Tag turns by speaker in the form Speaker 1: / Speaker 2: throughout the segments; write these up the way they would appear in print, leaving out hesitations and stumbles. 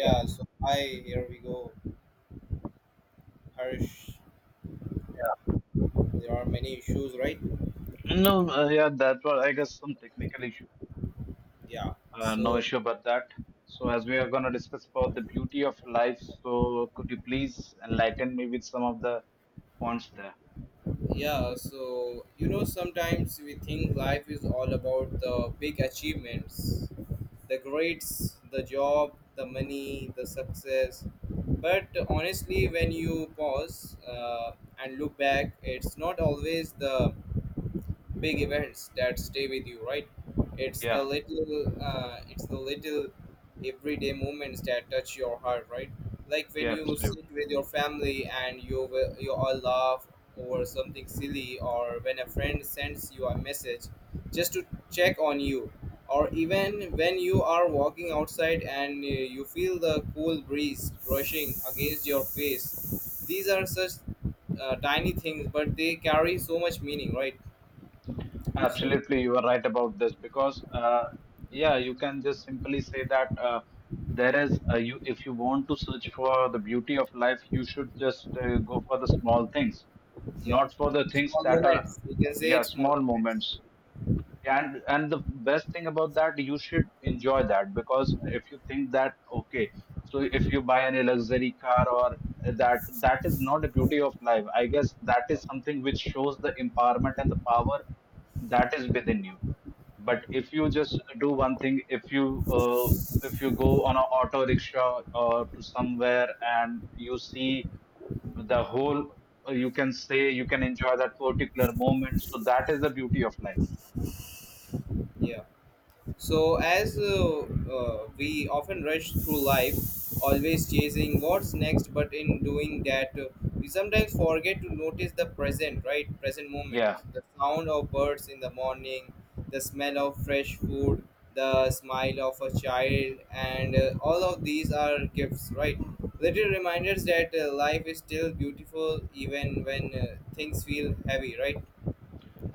Speaker 1: Yeah,
Speaker 2: so hi, here we go. Harsh, there are many issues, right?
Speaker 1: yeah. No, yeah, that was, I guess, some technical issue.
Speaker 2: Yeah.
Speaker 1: No
Speaker 2: So,
Speaker 1: issue about that. So, as we are going to discuss about the beauty of life, so could you please enlighten me with some of the points there?
Speaker 2: yeah, so you know, sometimes we think life is all about the big achievements, the grades, the job, the money, the success. But honestly, when you pause and look back, it's not always the big events that stay with you, right? It's the
Speaker 1: Yeah,
Speaker 2: little it's the little everyday moments that touch your heart, right? Like when
Speaker 1: yeah,
Speaker 2: you sit
Speaker 1: absolutely.
Speaker 2: with your family and you will, you all laugh over something silly, or when a friend sends you a message just to check on you, or even when you are walking outside and you feel the cool breeze brushing against your face. These are such tiny things, but they carry so much meaning, right? So
Speaker 1: Absolutely, you are right about this because, yeah, you can just simply say that there is, you, if you want to search for the beauty of life, you should just go for the small things,
Speaker 2: yeah,
Speaker 1: not for the things
Speaker 2: small
Speaker 1: that are,
Speaker 2: moments. We can say
Speaker 1: yeah,
Speaker 2: it's small
Speaker 1: small
Speaker 2: moments.
Speaker 1: moments. And the best thing about that, you should enjoy that, because if you think that, okay, so if you buy any luxury car, or that is not the beauty of life, I guess. That is something which shows the empowerment and the power that is within you. But if you just do one thing, if you go on an auto rickshaw or to somewhere and you see the whole, you can say, you can enjoy that particular moment, so that is the beauty of life.
Speaker 2: Yeah. So, as we often rush through life, always chasing what's next, but in doing that, we sometimes forget to notice the present, right? Present moment.
Speaker 1: Yeah.
Speaker 2: The sound of birds in the morning, the smell of fresh food, the smile of a child, and all of these are gifts, right? Little reminders that life is still beautiful even when things feel heavy, right?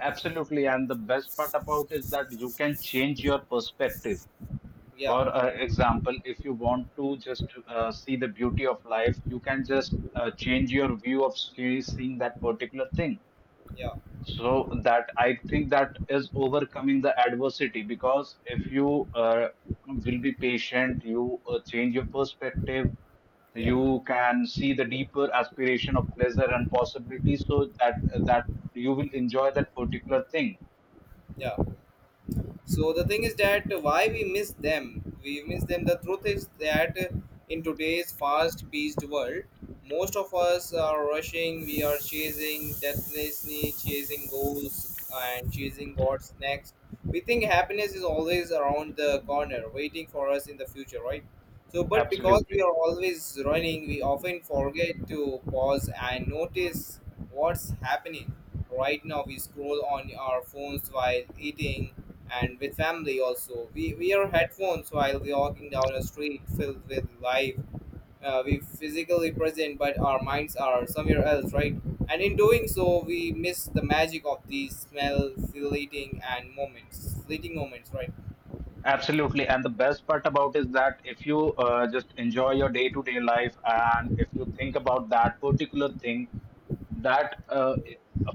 Speaker 1: Absolutely, and the best part about is that you can change your perspective.
Speaker 2: Yeah,
Speaker 1: For example, if you want to just see the beauty of life, you can just change your view of seeing that particular thing.
Speaker 2: yeah,
Speaker 1: So that, I think, that is overcoming the adversity, because if you will be patient, you change your perspective,
Speaker 2: yeah,
Speaker 1: you can see the deeper aspiration of pleasure and possibility, so that you will enjoy that particular thing.
Speaker 2: yeah. So the thing is that, why we miss them? We miss them. The truth is that in today's fast paced world, most of us are rushing. We are chasing destiny, chasing goals, and chasing what's next. We think happiness is always around the corner, waiting for us in the future, right? So but because we
Speaker 1: Absolutely.
Speaker 2: are always running, we often forget to pause and notice what's happening right now. We scroll on our phones while eating and with family also. We wear headphones while we walking down a street filled with life. We physically present, but our minds are somewhere else, right? And in doing so, we miss the magic of these smell fleeting and moments, fleeting moments, right?
Speaker 1: Absolutely. And the best part about is that if you just enjoy your day to day life, and if you think about that particular thing, that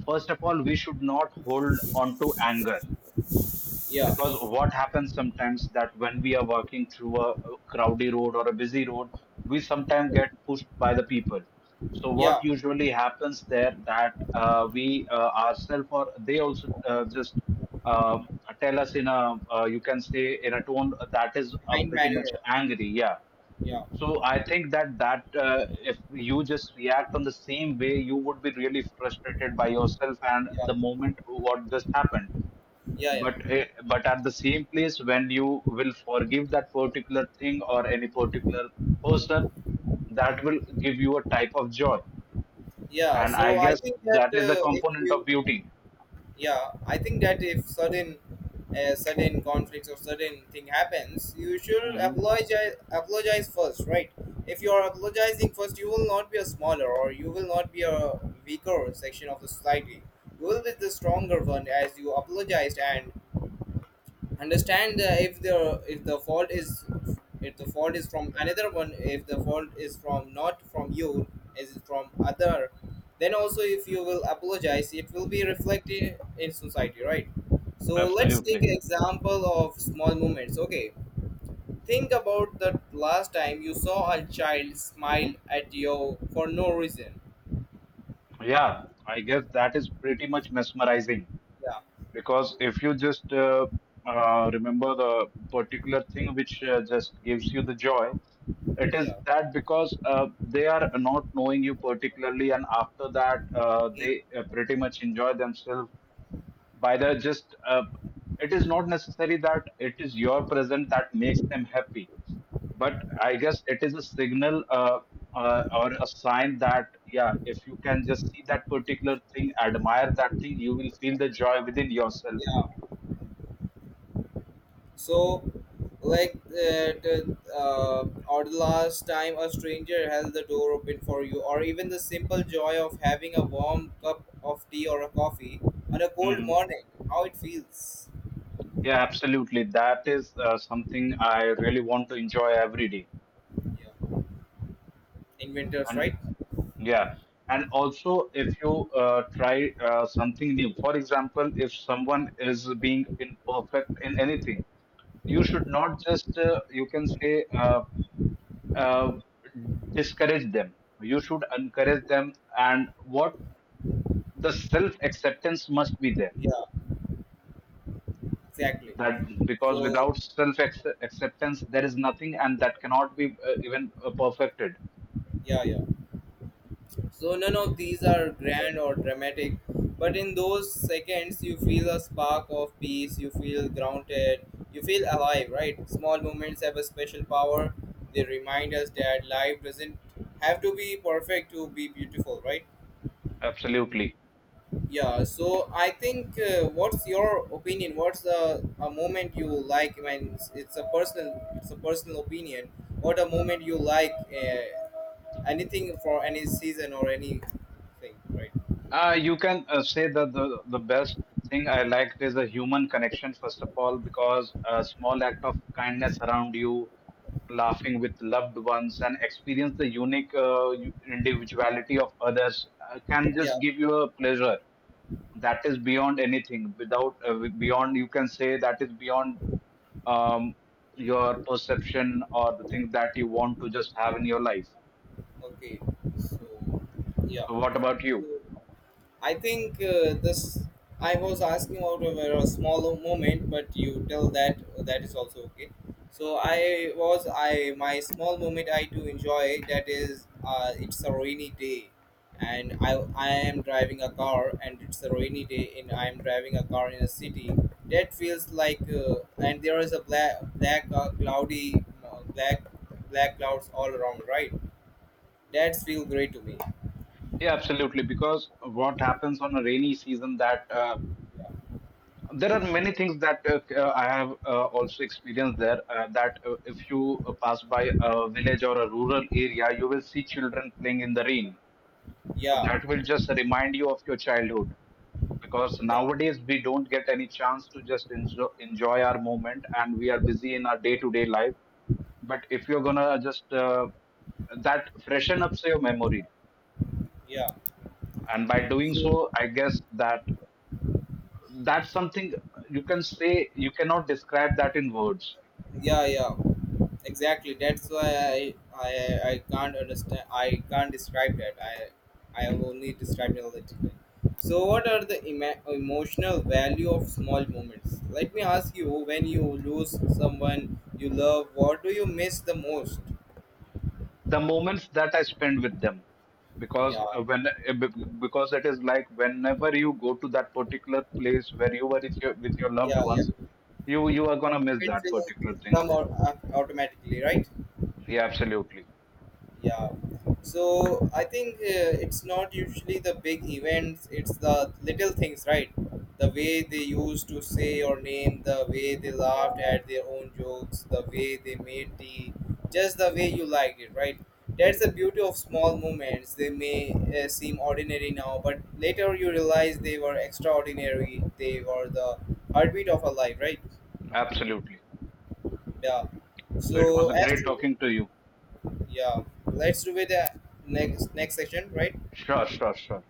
Speaker 1: first of all, we should not hold on to anger,
Speaker 2: Yeah,
Speaker 1: because what happens sometimes that when we are walking through a crowded road or a busy road, we sometimes get pushed by the people. So
Speaker 2: yeah,
Speaker 1: what usually happens there that, we, ourselves, or they also, just, uh, tell us in a, you can say, in a tone that is
Speaker 2: kind
Speaker 1: pretty much
Speaker 2: manner.
Speaker 1: angry, yeah.
Speaker 2: Yeah,
Speaker 1: So I think that if you just react on the same way, you would be really frustrated by yourself and
Speaker 2: yeah,
Speaker 1: the moment what just happened.
Speaker 2: yeah,
Speaker 1: but
Speaker 2: yeah.
Speaker 1: eh, but at the same place, when you will forgive that particular thing or any particular person, that will give you a type of joy,
Speaker 2: Yeah.
Speaker 1: and I
Speaker 2: So I
Speaker 1: guess
Speaker 2: think that
Speaker 1: that is a
Speaker 2: if
Speaker 1: component of
Speaker 2: you
Speaker 1: beauty.
Speaker 2: yeah, I think that if certain certain conflicts or certain thing happens, you should
Speaker 1: Hmm.
Speaker 2: apologize first, right? If you are apologizing first, you will not be a smaller, or you will not be a weaker section of the society. You will be the stronger one as you apologized. And understand, if the fault is, if the fault is from another one, if the fault is from not from you, is from other, then also if you will apologize, it will be reflected in society, right? So let's take
Speaker 1: Absolutely.
Speaker 2: an example of small moments. Okay, think about the last time you saw a child smile at you for no reason.
Speaker 1: Yeah, I guess that is pretty much mesmerizing.
Speaker 2: Yeah,
Speaker 1: Because if you just remember the particular thing which just gives you the joy, it is
Speaker 2: yeah,
Speaker 1: that because they are not knowing you particularly, and after that,
Speaker 2: yeah,
Speaker 1: they pretty much enjoy themselves by the just. It is not necessary that it is your present that makes them happy, but I guess it is a signal, or a sign that, yeah, if you can just see that particular thing, admire that thing, you will feel the joy within yourself.
Speaker 2: yeah. So, like that, or the last time a stranger held the door open for you, or even the simple joy of having a warm cup of tea or a coffee on a cold
Speaker 1: Hmm.
Speaker 2: morning, how it feels.
Speaker 1: Yeah, absolutely. That is something I really want to enjoy every day.
Speaker 2: Yeah, in winters,
Speaker 1: And
Speaker 2: right?
Speaker 1: yeah, and also, if you try something new, for example, if someone is being imperfect in anything, you should not just, you can say, uh, discourage them. You should encourage them. And what, the self acceptance must be there.
Speaker 2: Yeah, exactly.
Speaker 1: That, because
Speaker 2: So,
Speaker 1: without self acceptance, there is nothing, and that cannot be even perfected.
Speaker 2: yeah, yeah. So none of these are grand or dramatic, but in those seconds you feel a spark of peace, you feel grounded, you feel alive, right? Small moments have a special power. They remind us that life doesn't have to be perfect to be beautiful, right?
Speaker 1: Absolutely.
Speaker 2: Yeah, so I think what's your opinion? What's the a moment you like? When it's a personal, it's a personal opinion. What a moment you like, anything for any season or anything, right?
Speaker 1: You can say that the best thing I liked is the human connection, first of all, because a small act of kindness around you, laughing with loved ones, and experience the unique, individuality of others, can
Speaker 2: Yeah,
Speaker 1: just give you a pleasure that is beyond anything. Without, beyond, you can say, that is beyond, um, your perception or the things that you want to just have in your life.
Speaker 2: okay, so yeah,
Speaker 1: So, what about
Speaker 2: so
Speaker 1: you?
Speaker 2: I think this. I was asking about a smaller moment, but you tell that that is also okay. So I was, I my small moment I do enjoy that is, it's a rainy day, and I am driving a car, and it's a rainy day and I am driving a car in a city that feels like, and there is a black cloudy black clouds all around, right? That's feel great to me.
Speaker 1: Yeah, absolutely. Because what happens on a rainy season that, there are many things that, I have also experienced there. That, if you pass by a village or a rural area, you will see children playing in the rain. So
Speaker 2: Yeah,
Speaker 1: that will just remind you of your childhood. Because
Speaker 2: yeah,
Speaker 1: nowadays we don't get any chance to just enjoy our moment, and we are busy in our day-to-day life. But if you're gonna just that freshen up your memory,
Speaker 2: yeah.
Speaker 1: and by doing
Speaker 2: So
Speaker 1: so, I guess that that's something you can say, you cannot describe that in words.
Speaker 2: yeah, yeah. Exactly. That's why I can't understand. I can't describe that. I have only described analytically. So, what are the emotional value of small moments? Let me ask you, when you lose someone you love, what do you miss the most?
Speaker 1: The moments that I spend with them, because
Speaker 2: Yeah,
Speaker 1: because it is like, whenever you go to that particular place where you were with your loved
Speaker 2: yeah, yeah.
Speaker 1: ones, you
Speaker 2: The
Speaker 1: you are going to miss
Speaker 2: moments
Speaker 1: that particular
Speaker 2: will
Speaker 1: thing.
Speaker 2: come out automatically, right?
Speaker 1: Yeah, absolutely.
Speaker 2: Yeah. So I think it's not usually the big events, it's the little things, right? The way they used to say your name, the way they laughed at their own jokes, the way they made tea, just the way you liked it, right? That's the beauty of small moments. They may seem ordinary now, but later you realize they were extraordinary. They were the heartbeat of a life, right?
Speaker 1: Absolutely.
Speaker 2: Yeah.
Speaker 1: So it
Speaker 2: So
Speaker 1: was a
Speaker 2: as
Speaker 1: great
Speaker 2: to,
Speaker 1: talking to you.
Speaker 2: yeah, let's do with the next section, right?
Speaker 1: Sure, sure, sure.